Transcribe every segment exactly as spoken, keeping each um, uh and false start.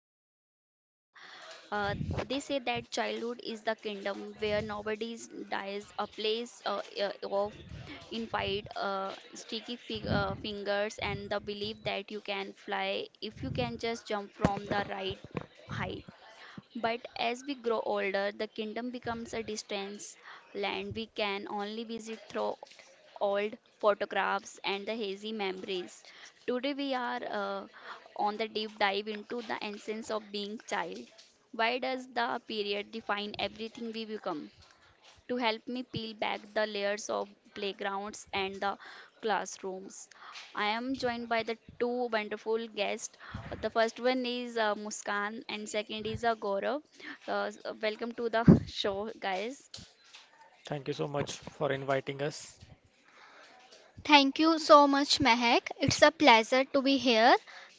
your host Mahak. Uh, they say that childhood is the kingdom where nobody dies, a place uh, uh, of infinite uh, sticky fig- uh, fingers and the belief that you can fly if you can just jump from the right height. But as we grow older, the kingdom becomes a distance land we can only visit through old photographs and the hazy memories. Today we are uh, on the deep dive into the essence of being child. Why does the period define everything we become? To help me peel back the layers of playgrounds and the classrooms. I am joined by the two wonderful guests. The first one is uh, Muskan and second is uh, Gaurav. Uh, s- uh, welcome to the show, guys. Thank you so much for inviting us. Thank you so much, Mehak. It's a pleasure to be here.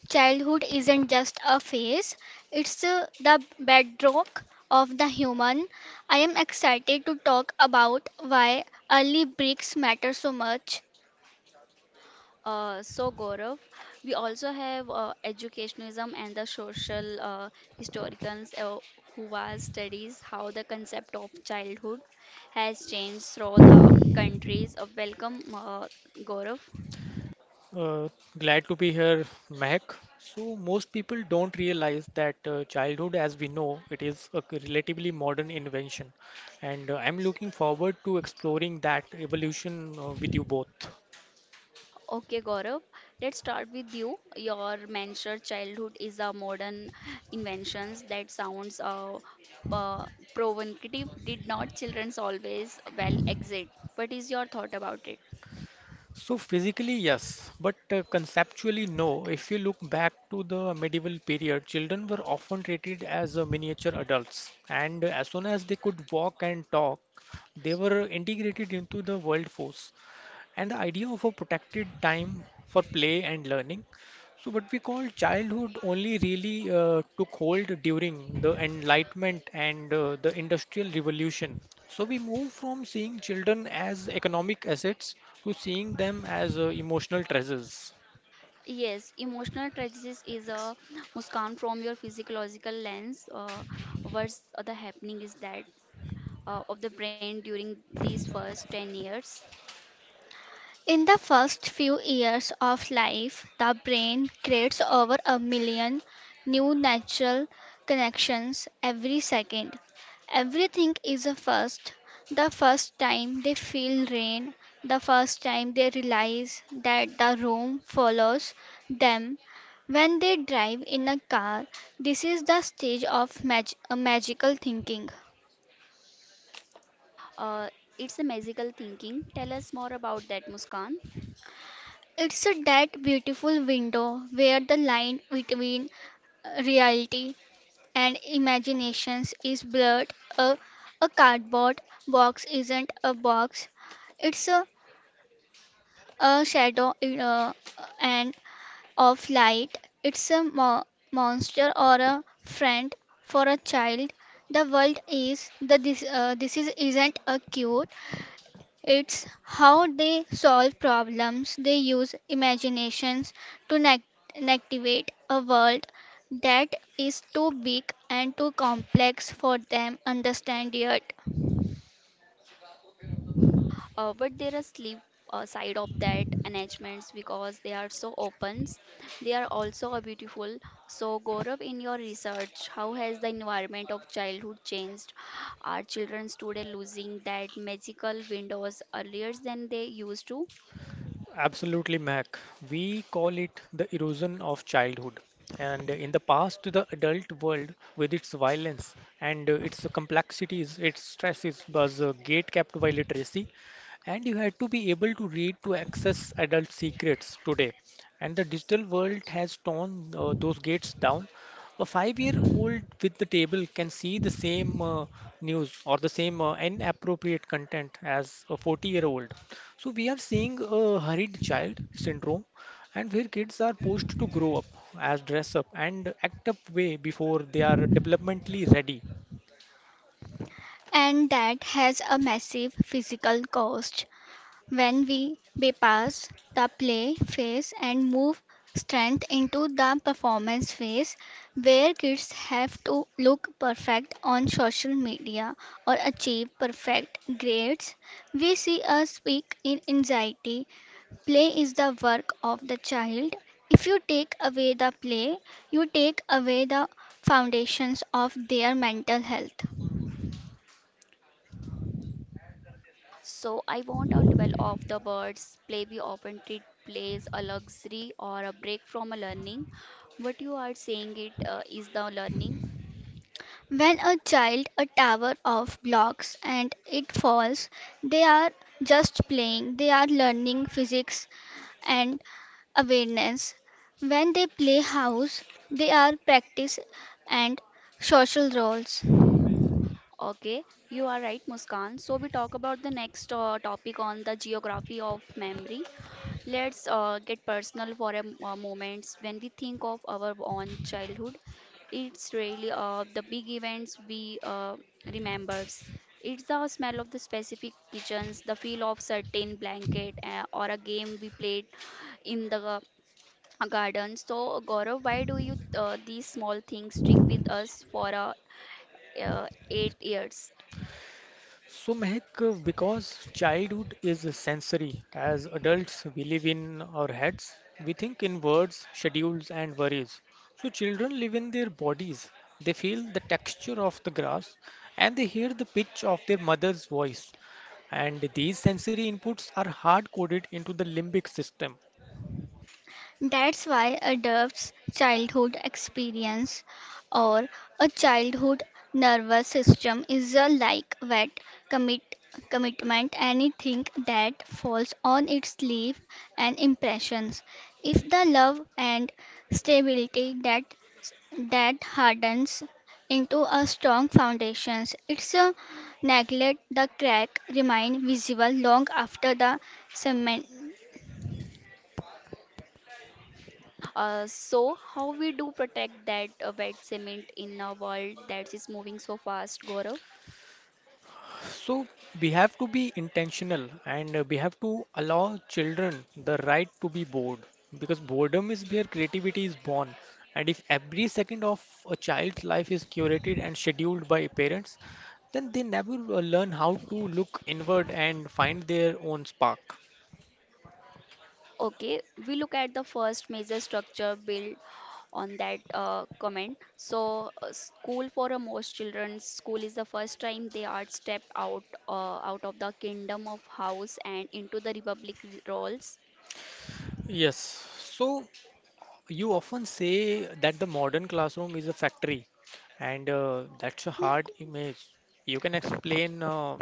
Childhood isn't just a phase, it's uh, the bedrock of the human. I am excited to talk about why early bricks matter so much. Uh, so Gaurav, we also have uh, educationism and the social uh, historians uh, who was studies how the concept of childhood has changed through the countries. Uh, welcome, uh, Gaurav. Uh, Glad to be here, Mehak. So most people don't realize that uh, childhood, as we know, it is a c- relatively modern invention, and uh, I'm looking forward to exploring that evolution uh, with you both. Okay, Gaurav, let's start with you. Your mentioned childhood is a modern inventions that sounds uh, uh, provocative. Did not childrens always well exit? What is your thought about it? So physically, yes, but uh, conceptually, no. If you look back to the medieval period, children were often treated as uh, miniature adults, and as soon as they could walk and talk, they were integrated into the world force. And the idea of a protected time for play and learning. So, what we call childhood only really uh, took hold during the Enlightenment and uh, the Industrial Revolution. So, we move from seeing children as economic assets to seeing them as uh, emotional treasures. Yes, emotional tragedies is a muskan from your physiological lens. Uh, what's the happening is that uh, of the brain during these first ten years. In the first few years of life, the brain creates over a million new neural connections every second. Everything is a first. The first time they feel rain, the first time they realize that the room follows them, when they drive in a car, this is the stage of mag- uh, magical thinking. Uh, it's a magical thinking. Tell us more about that, Muskan. It's that beautiful window where the line between uh, reality and imaginations is blurred. A, a cardboard box isn't a box. It's a, a shadow in and of light. It's a mo- monster or a friend for a child. The world is the this uh, this is isn't a cute. It's how they solve problems. They use imaginations to nec- navigate a world that is too big and too complex for them understand yet, Uh, but there are sleep uh, side of that arrangements because they are so open. They are also a beautiful. So Gaurav, in your research, how has the environment of childhood changed? Are children today losing that magical windows earlier than they used to? Absolutely, Mac. We call it the erosion of childhood. And in the past, the adult world, with its violence and uh, its complexities, its stresses, was uh, gate kept by literacy. And you had to be able to read to access adult secrets today. And the digital world has torn uh, those gates down. A five-year-old with the table can see the same uh, news or the same uh, inappropriate content as a forty-year-old. So we are seeing a hurried child syndrome and where kids are pushed to grow up as dress up and act up way before they are developmentally ready. and that has a massive physical cost. When we bypass the play phase and move strength into the performance phase, where kids have to look perfect on social media or achieve perfect grades, we see a peak in anxiety. Play is the work of the child. If you take away the play, you take away the foundations of their mental health. So I want to dwell of the words play we often treat plays a luxury or a break from a learning. What you are saying it uh, is the learning. When a child a tower of blocks and it falls, they are just playing, they are learning physics and awareness. When they play house, they are practice and social roles. Okay, you are right, Muskan. So we talk about the next uh, topic on the geography of memory. Let's uh, get personal for a m- uh, moment. When we think of our own childhood, it's really uh, the big events we uh, remembers. It's the smell of the specific kitchens, the feel of certain blanket, uh, or a game we played in the uh, garden. So Gaurav, why do you uh, these small things stick with us for uh, uh, eight years? So Mehak, uh, because childhood is sensory, as adults we live in our heads, we think in words, schedules and worries. So children live in their bodies. They feel the texture of the grass and they hear the pitch of their mother's voice. And these sensory inputs are hard coded into the limbic system. That's why a adults' childhood experience or a childhood nervous system is a like wet commit commitment anything that falls on its sleeve and impressions. If the love and stability that that hardens into a strong foundations, its a neglect the crack remain visible long after the cement. Uh, so, how we do protect that uh, wet cement in a world that is moving so fast, Gaurav? So we have to be intentional and uh, we have to allow children the right to be bored because boredom is where creativity is born. And if every second of a child's life is curated and scheduled by parents, then they never uh, learn how to look inward and find their own spark. Okay, we look at the first major structure built on that uh, comment. So, uh, school for uh, most children, school is the first time they are stepped out uh, out of the kingdom of house and into the republic r- roles. Yes, so you often say that the modern classroom is a factory, and uh, that's a hard image. You can explain uh,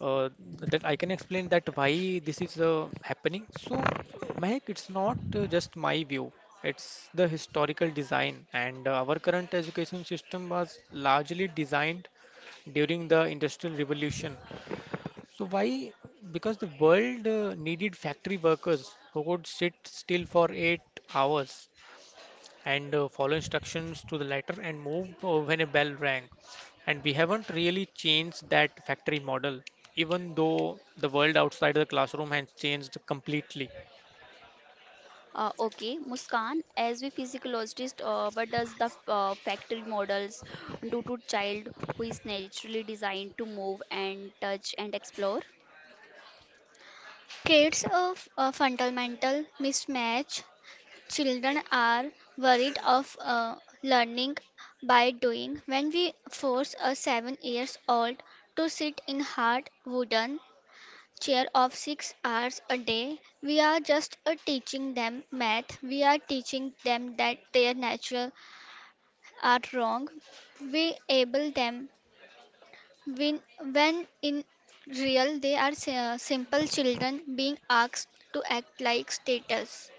uh, that I can explain that why this is uh, happening. So, Mahek, it's not uh, just my view. It's the historical design, and uh, our current education system was largely designed during the Industrial Revolution. So why? Because the world uh, needed factory workers who could sit still for eight hours and uh, follow instructions to the letter and move uh, when a bell rang. And we haven't really changed that factory model, even though the world outside the classroom has changed completely. Uh, okay, Muskan, as a physiologist, uh, what does the uh, factory models do to child who is naturally designed to move and touch and explore? Kids of a fundamental mismatch. Children are worried of uh, learning by doing. When we force a seven years old to sit in hard wooden chair of six hours a day, we are just uh, teaching them math. We are teaching them that their natural are wrong. We able them when, when in real, they are si- uh, simple children being asked to act like status.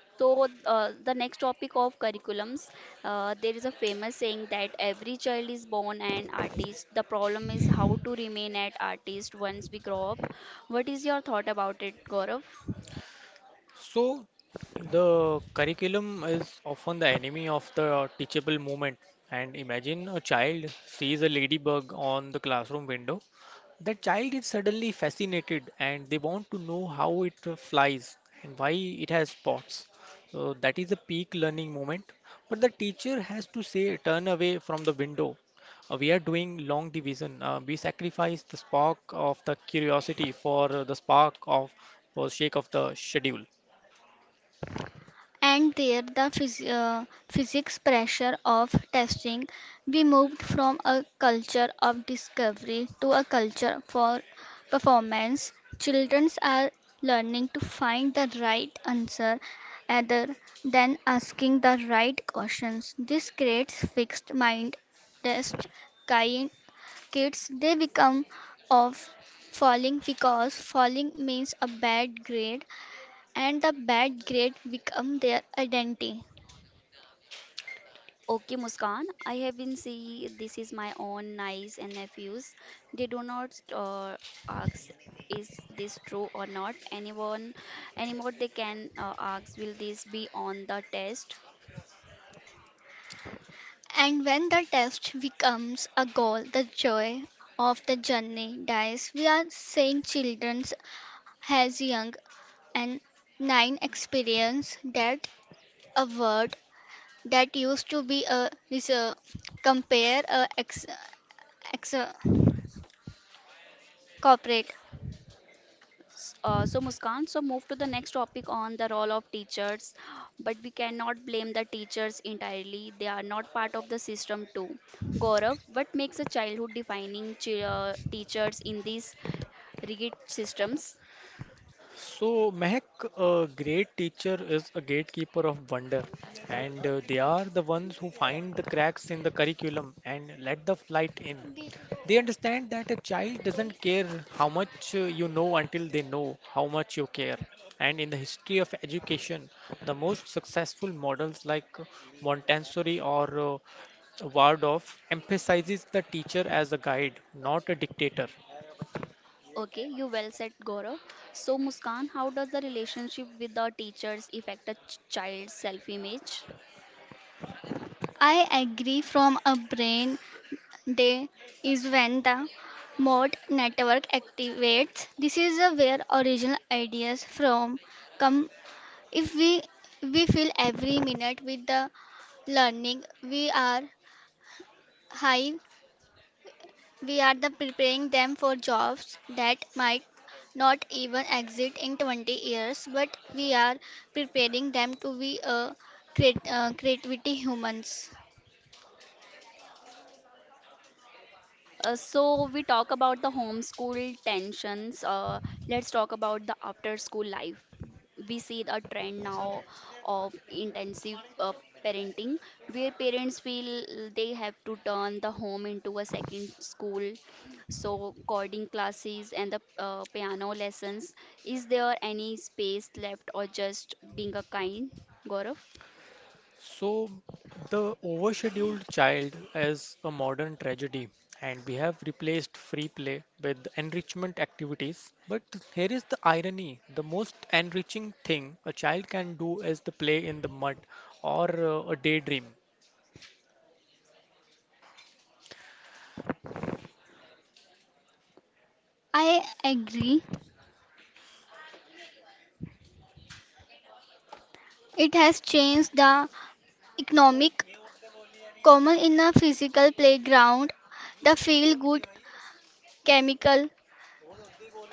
So uh, the next topic of curriculums, uh, there is a famous saying that every child is born an artist. The problem is how to remain an artist once we grow up. What is your thought about it, Gaurav? So, the curriculum is often the enemy of the teachable moment. And imagine a child sees a ladybug on the classroom window. That child is suddenly fascinated and they want to know how it uh, flies and why it has spots. So, that is a peak learning moment. But the teacher has to say, turn away from the window. Uh, we are doing long division. Uh, we sacrifice the spark of the curiosity for uh, the spark of for sake of the schedule. And there, the phys- uh, physics pressure of testing, we moved from a culture of discovery to a culture for performance. Children are learning to find the right answer rather than asking the right questions. This creates fixed mind test kind kids they become of falling because falling means a bad grade and the bad grade become their identity Okay, Muskan, I have been seeing this is my own niece and nephews. They do not uh, ask is this true or not. Anyone, anymore they can uh, ask will this be on the test. and when the test becomes a goal the joy of the journey dies we are saying children has young and nine experience that a word that used to be a reserve compare a ex, ex corporate. S- Uh, so Muskan, so move to the next topic on the role of teachers. But we cannot blame the teachers entirely. They are not part of the system too. Gaurav, what makes a childhood defining chi- uh, teachers in these rigid systems? So, Mehak, a great teacher is a gatekeeper of wonder, and uh, they are the ones who find the cracks in the curriculum and let the light in. They understand that a child doesn't care how much uh, you know until they know how much you care. And in the history of education, the most successful models like uh, Montessori or uh, Waldorf emphasizes the teacher as a guide, not a dictator. Okay, you well said, Gaurav. So, Muskan, how does the relationship with the teachers affect a ch- child's self image? I agree from a brain day is when the mode network activates. This is a where original ideas from come. If we we fill every minute with the learning, we are high. We are the preparing them for jobs that might not even exist in twenty years, but we are preparing them to be a creat- uh, creativity humans. Uh, so we talk about the homeschool tensions. Uh, let's talk about the after-school life. We see the trend now of intensive uh, parenting, where parents feel they have to turn the home into a second school. So coding classes and the uh, piano lessons. Is there any space left, or just being a kind, Gaurav? So, the overscheduled child is a modern tragedy, and we have replaced free play with enrichment activities. But here is the irony, the most enriching thing a child can do is the play in the mud or uh, a daydream. I agree. It has changed the economic, common in a physical playground, the feel good chemical,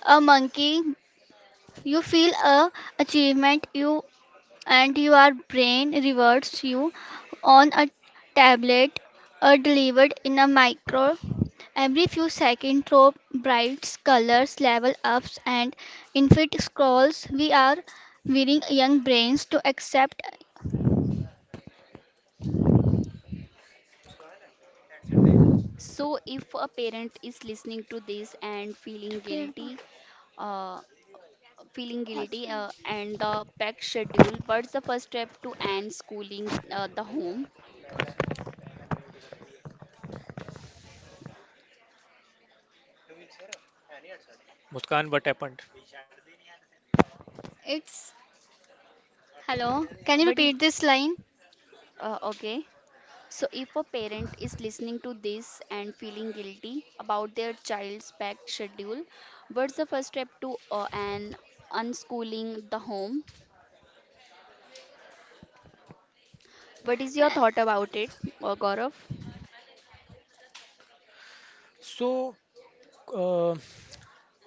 a monkey. You feel a achievement you and your brain rewards you on a tablet or delivered in a micro. Every few seconds, throw brights, colors, level ups, and infinite scrolls. We are wearing young brains to accept. So if a parent is listening to this and feeling guilty, uh, feeling guilty uh, and the packed schedule what's the first step to end schooling uh, the home Muskan, what happened? It's hello, can you what is repeat this line? uh, okay so if a parent is listening to this and feeling guilty about their child's packed schedule what's the first step to uh, an unschooling the home what is your Uh, thought about it uh, gaurav So, uh,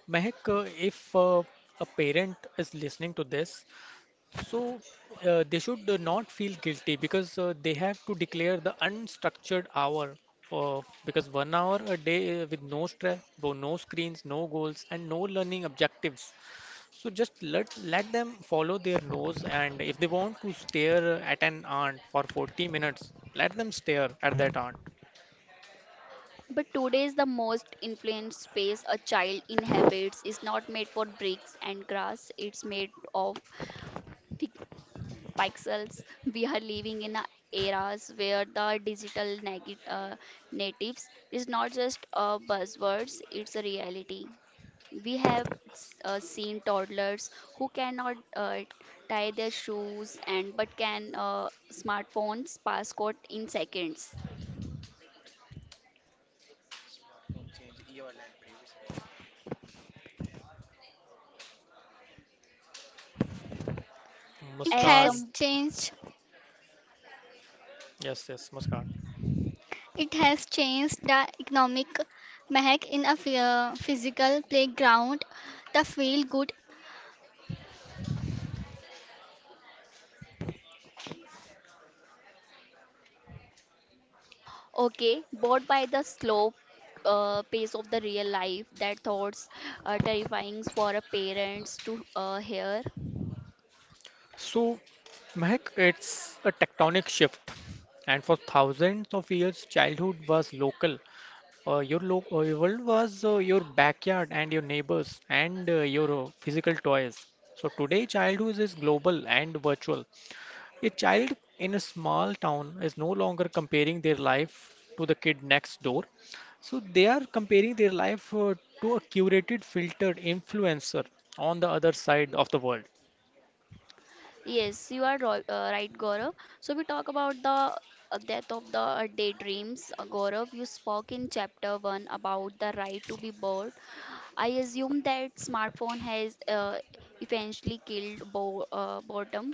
Mehak, uh, if uh, a parent is listening to this, so uh, they should uh, not feel guilty because uh, they have to declare the unstructured hour. Uh, because one hour a day uh, with no stress, no screens, no goals, and no learning objectives. So just let let them follow their nose, and if they want to stare at an ant for forty minutes, let them stare at that ant. but today is the most influenced space a child inhabits is not made for bricks and grass. It's made of pixels. We are living in a eras where the digital negi- uh, natives is not just a buzzwords, it's a reality. We have s- uh, seen toddlers who cannot uh, tie their shoes and but can uh, smartphones passcode in seconds. It As Muskan, has some changed. yes, yes, Muskan. It has changed the economic mahak in a phy- physical playground, the feel good, okay, bored by the slow uh, pace of the real life that thoughts are terrifying for a parents to uh, hear. So, Mehak, it's a tectonic shift, and for thousands of years, childhood was local. Uh, your lo- uh, your world was uh, your backyard and your neighbors and uh, your uh, physical toys. So today, childhood is global and virtual. A child in a small town is no longer comparing their life to the kid next door. So they are comparing their life uh, to a curated, filtered influencer on the other side of the world. Yes, you are ro- uh, right, Gaurav. So we talk about the uh, death of the uh, daydreams. Uh, Gaurav, you spoke in chapter one about the right to be bored. I assume that smartphone has uh, eventually killed bo- uh, boredom.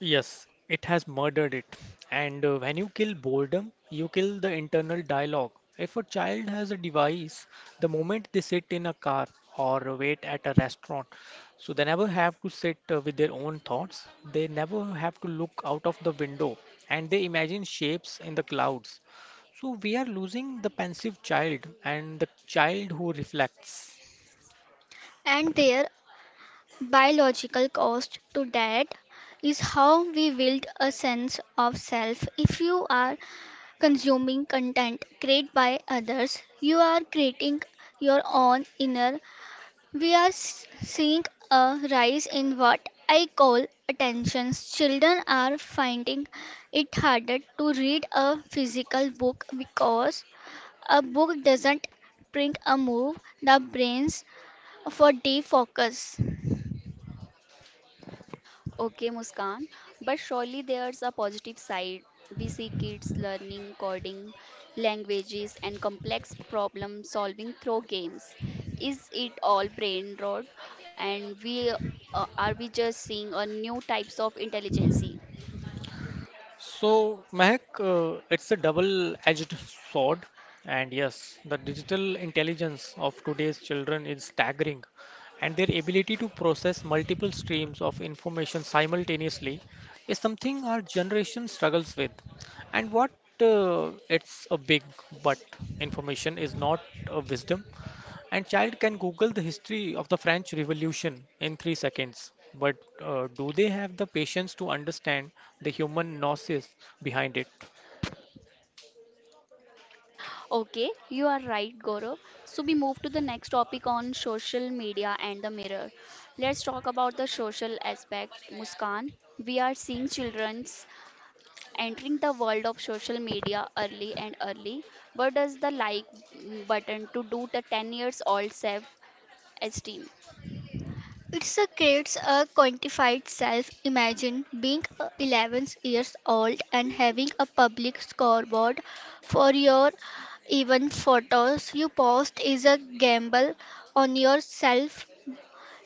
Yes, it has murdered it. And uh, when you kill boredom, you kill the internal dialogue. If a child has a device, the moment they sit in a car or wait at a restaurant, so they never have to sit uh, with their own thoughts. They never have to look out of the window and they imagine shapes in the clouds. So we are losing the pensive child and the child who reflects. and their biological cost to that is how we build a sense of self. If you are consuming content created by others, you are creating your own inner. We are s- seeing a rise in what I call attentions. Children are finding it harder to read a physical book because a book doesn't bring a move the brains for deep focus. Okay, Muskan, but surely there's a positive side. We see kids learning coding, languages, and complex problem solving through games. Is it all brain rot? And we uh, are we just seeing a new types of intelligence? So, Mehak, uh, it's a double-edged sword. And yes, the digital intelligence of today's children is staggering, and their ability to process multiple streams of information simultaneously is something our generation struggles with. And what uh, It's a big but, information is not a wisdom, and child can Google the history of the French Revolution in three seconds. But uh, do they have the patience to understand the human gnosis behind it? Okay, you are right, Gaurav. So we move to the next topic on social media and the mirror. Let's talk about the social aspect, Muskan. We are seeing children entering the world of social media early and early, what does the like button to do the ten years old self esteem? It creates a quantified self. Imagine being uh, eleven years old and having a public scoreboard for your even photos you post is a gamble on yourself.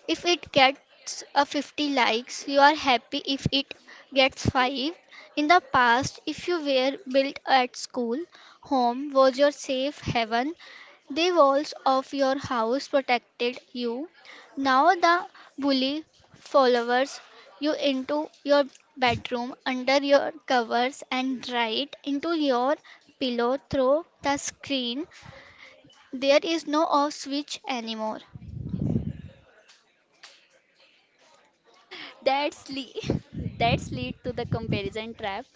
If it gets a fifty likes, you are happy if it gets five. In the past, if you were built at school, home was your safe haven. The walls of your house protected you. Now the bully follows you into your bedroom, under your covers, and right into your pillow through the screen. There is no off switch anymore. That's le- that's lead to the comparison trap.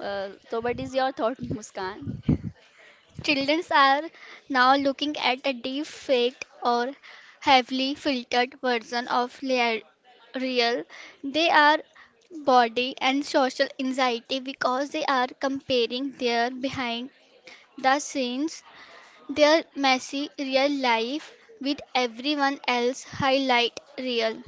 Uh, so what is your thought, Muskan? Children are now looking at a deep faked or heavily filtered version of lea- real. They are body and social anxiety because they are comparing their behind the scenes, their messy real life with everyone else highlight real.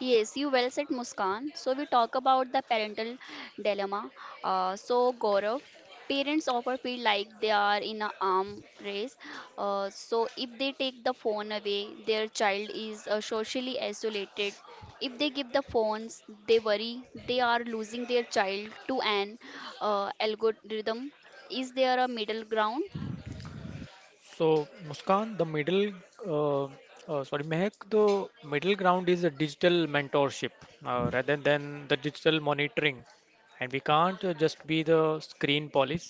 Yes, you well said, Muskan. So we talk about the parental dilemma. Uh, so Gaurav, parents often feel like they are in a arm race. Uh, so if they take the phone away, their child is uh, socially isolated. If they give the phones, they worry they are losing their child to an uh, algorithm. Is there a middle ground? So, Muskan, the middle, uh, uh, sorry, Mehak, the middle ground is a digital mentorship uh, rather than the digital monitoring. And we can't uh, just be the screen police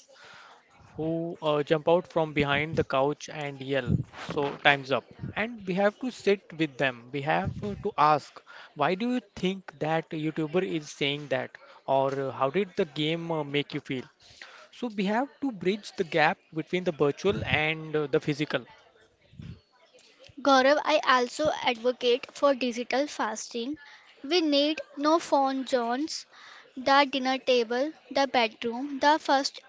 who uh, jump out from behind the couch and yell, so time's up. And we have to sit with them. We have uh, to ask, why do you think that YouTuber is saying that? Or uh, how did the game uh, make you feel? So we have to bridge the gap between the virtual and uh, the physical. Gaurav, I also advocate for digital fasting. We need no phone zones, the dinner table, the bedroom, the first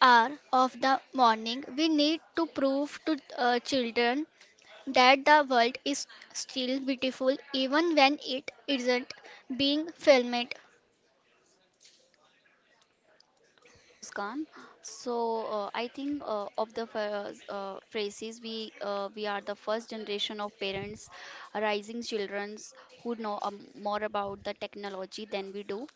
hour of the morning. We need to prove to uh, children that the world is still beautiful even when it isn't being filmed. Okay, Muskan. So uh, I think uh, of the ph- uh, phrases we uh, we are the first generation of parents, rising childrens who know um, more about the technology than we do.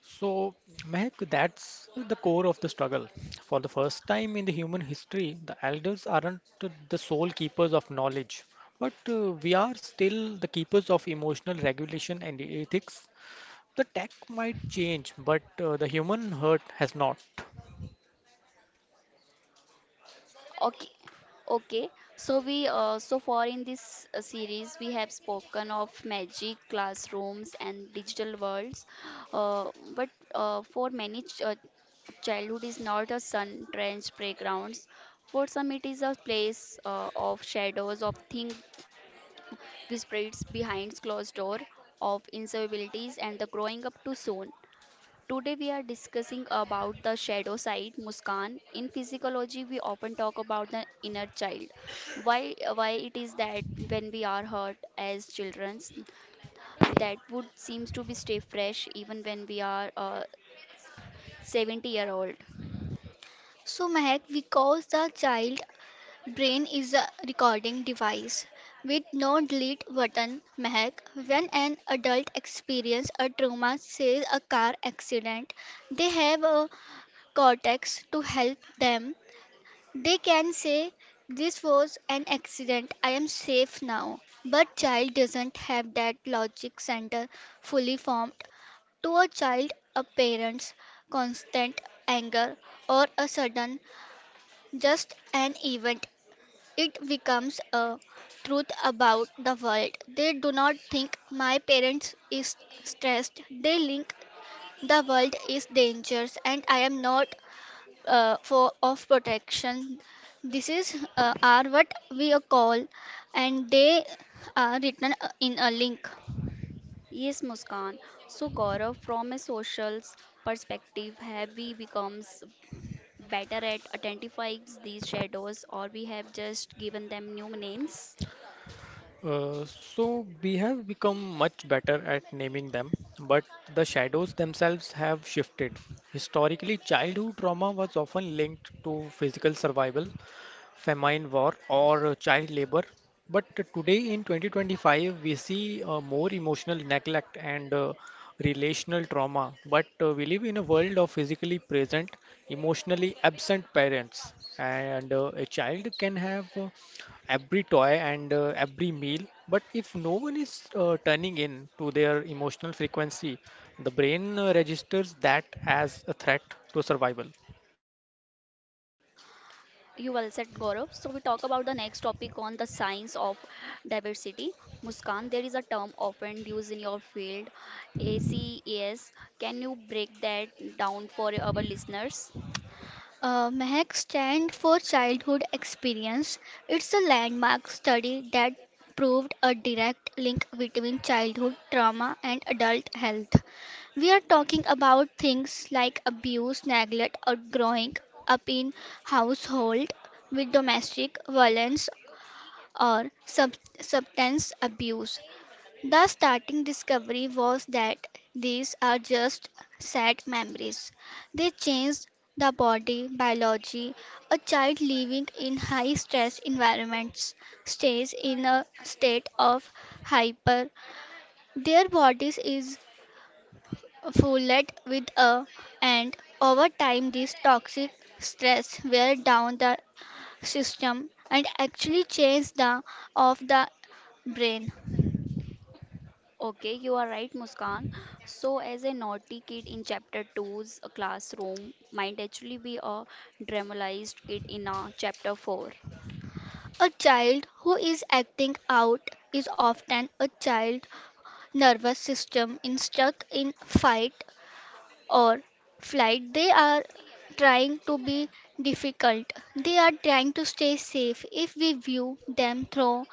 So, Mehak, that's the core of the struggle. For the first time in the human history, the elders aren't the sole keepers of knowledge, but uh, we are still the keepers of emotional regulation and ethics. The tech might change, but uh, the human hurt has not. Okay. Okay, so we uh, so far in this uh, series we have spoken of magic classrooms and digital worlds, uh, but uh, for many ch- uh, Childhood is not a sun drenched playgrounds. For some, it is a place uh, of shadows, of things whispered behind closed door, of insolubilities, and the growing up too soon. Today, we are discussing about the shadow side, Muskan. In physiology, we often talk about the inner child. Why, why it is that when we are hurt as children, that would seems to be stay fresh even when we are uh, seventy year old. So, Mehak, we cause the child brain is a recording device with no delete button. Mehak, when an adult experiences a trauma, says a car accident, they have a cortex to help them. They can say, this was an accident, I am safe now. But child doesn't have that logic center fully formed. To a child, a parent's constant anger or a sudden just an event it becomes a truth about the world. They do not think my parents is stressed. They link the world is dangerous and I am not uh, for of protection. This is uh, are what we uh, call and they are written uh, in a link. Yes, Muskan. So, Gaurav, from a social perspective, have we become s- better at identifying these shadows or we have just given them new names? Uh, so we have become much better at naming them, but the shadows themselves have shifted. Historically, childhood trauma was often linked to physical survival, famine, war, or uh, child labor. But today in twenty twenty-five, we see uh, more emotional neglect and uh, relational trauma. But uh, we live in a world of physically present, emotionally absent parents, and uh, a child can have uh, every toy and uh, every meal. But if no one is uh, turning in to their emotional frequency, the brain uh, registers that as a threat to survival. You well said, Gaurav. So, we talk about the next topic on the science of diversity. Muskan, there is a term often used in your field, A C E S. Can you break that down for our listeners? Uh, M H E C stand for Childhood Experience. It's a landmark study that proved a direct link between childhood trauma and adult health. We are talking about things like abuse, neglect, or growing up in household with domestic violence or sub- substance abuse. The starting discovery was that these are just sad memories. They change the body biology. A child living in high stress environments stays in a state of hyper. Their bodies is fueled with a and over time this toxic stress wear down the system and actually change the of the brain. Okay, you are right, Muskan. So, as a naughty kid in chapter Two's classroom, might actually be a dramatized kid in a chapter four. A child who is acting out is often a child nervous system is stuck in fight or flight. They are trying to be difficult. They are trying to stay safe. If we view them through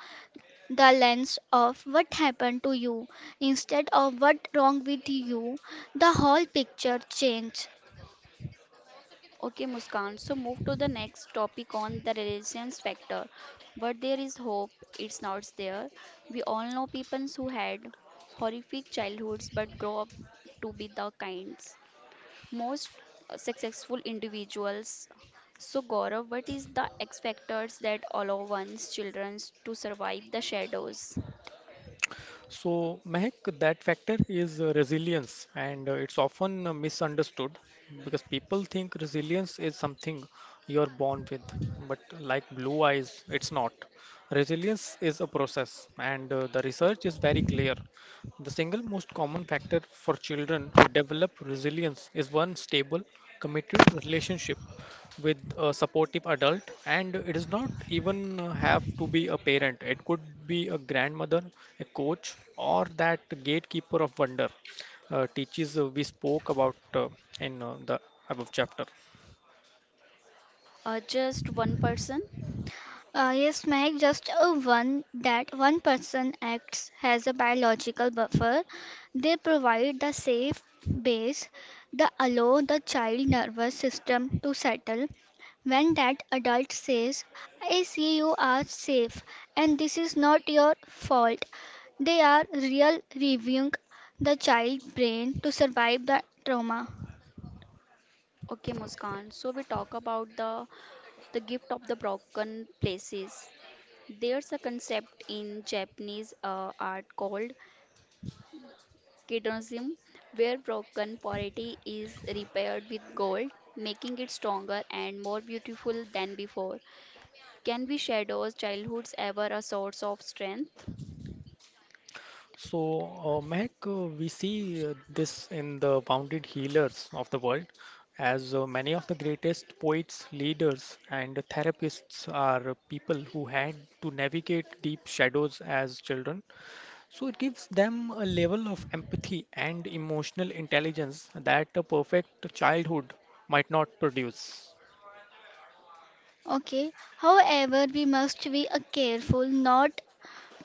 the lens of what happened to you instead of what wrong with you, the whole picture changes. Okay, Muskan. So, move to the next topic on the resilience factor. But there is hope, it's not there. We all know people who had horrific childhoods but grow up to be the kinds. Most successful individuals. So, Gaurav, what is the X factors that allow one's children to survive the shadows? So, Mehak, that factor is uh, resilience, and uh, it's often uh, misunderstood because people think resilience is something you're born with, but like blue eyes, it's not. Resilience is a process, and uh, the research is very clear. The single most common factor for children who develop resilience is one stable, committed relationship with a supportive adult, and it does not even uh, have to be a parent. It could be a grandmother, a coach, or that gatekeeper of wonder uh, teaches uh, we spoke about uh, in uh, the above chapter. Uh, just one person? Uh, yes, Mike, just a one that one person acts as a biological buffer. They provide the safe base that allow the child nervous system to settle when that adult says, I see you are safe and this is not your fault. They are real reviewing the child brain to survive the trauma. Okay, Muskan. So we talk about the the gift of the broken places. There's a concept in Japanese uh, art called kidonism, where broken pottery is repaired with gold, making it stronger and more beautiful than before. Can we shadows childhoods ever a source of strength? So uh, Mehak, uh, we see uh, this in the wounded healers of the world, as uh, many of the greatest poets, leaders and therapists are people who had to navigate deep shadows as children. So it gives them a level of empathy and emotional intelligence that a perfect childhood might not produce. Okay, however, we must be uh, careful not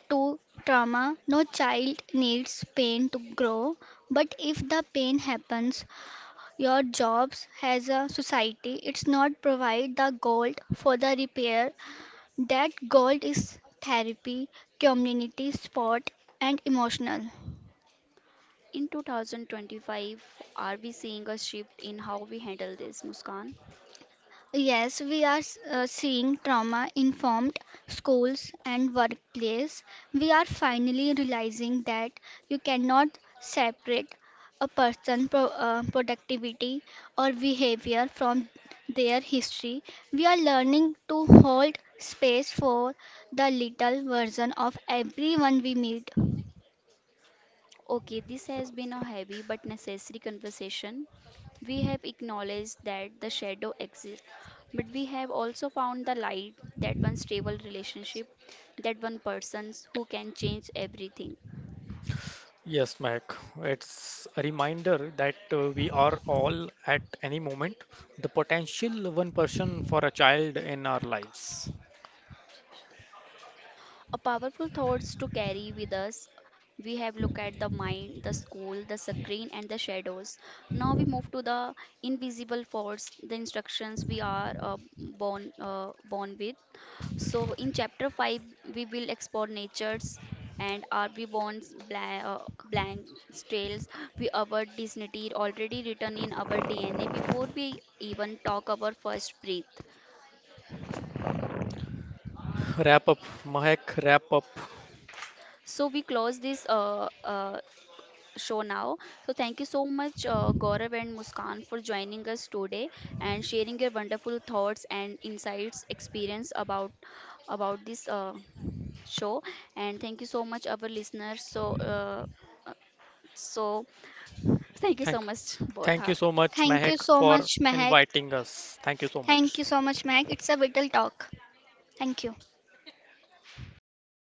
to trauma. No child needs pain to grow, but if the pain happens, your jobs as a society, it's not provide the gold for the repair. That gold is therapy, community support, and emotional. In two thousand twenty-five, are we seeing a shift in how we handle this, Muskan? Yes, we are s- uh, seeing trauma informed schools and workplace. We are finally realizing that you cannot separate a person's pro- uh, productivity or behavior from their history. We are learning to hold space for the little version of everyone we meet. Okay, this has been a heavy but necessary conversation. We have acknowledged that the shadow exists, but we have also found the light, that one stable relationship, that one person who can change everything. Yes, Mac, it's a reminder that uh, we are all at any moment the potential one person for a child in our lives. A powerful thoughts to carry with us. We have looked at the mind, the school, the screen, and the shadows. Now we move to the invisible force, the instructions we are uh, born uh, born with. So in chapter five, we will explore nature's and are we born blank, uh, blank trails we our dignity already written in our dna before we even talk our first breath Wrap up, Mahek, wrap up. so we close this uh, uh, show now. So, thank you so much, uh, Gaurav and Muskan, for joining us today and sharing your wonderful thoughts and insights, experience about about this uh, show. And thank you so much, our listeners. So, uh, uh, so thank you so Thank, much, both. Thank you so much, Thank you Mahek, so for much, Mehak. inviting us. Thank you so much. Thank you so much, Mehak. It's a vital talk. Thank you. Always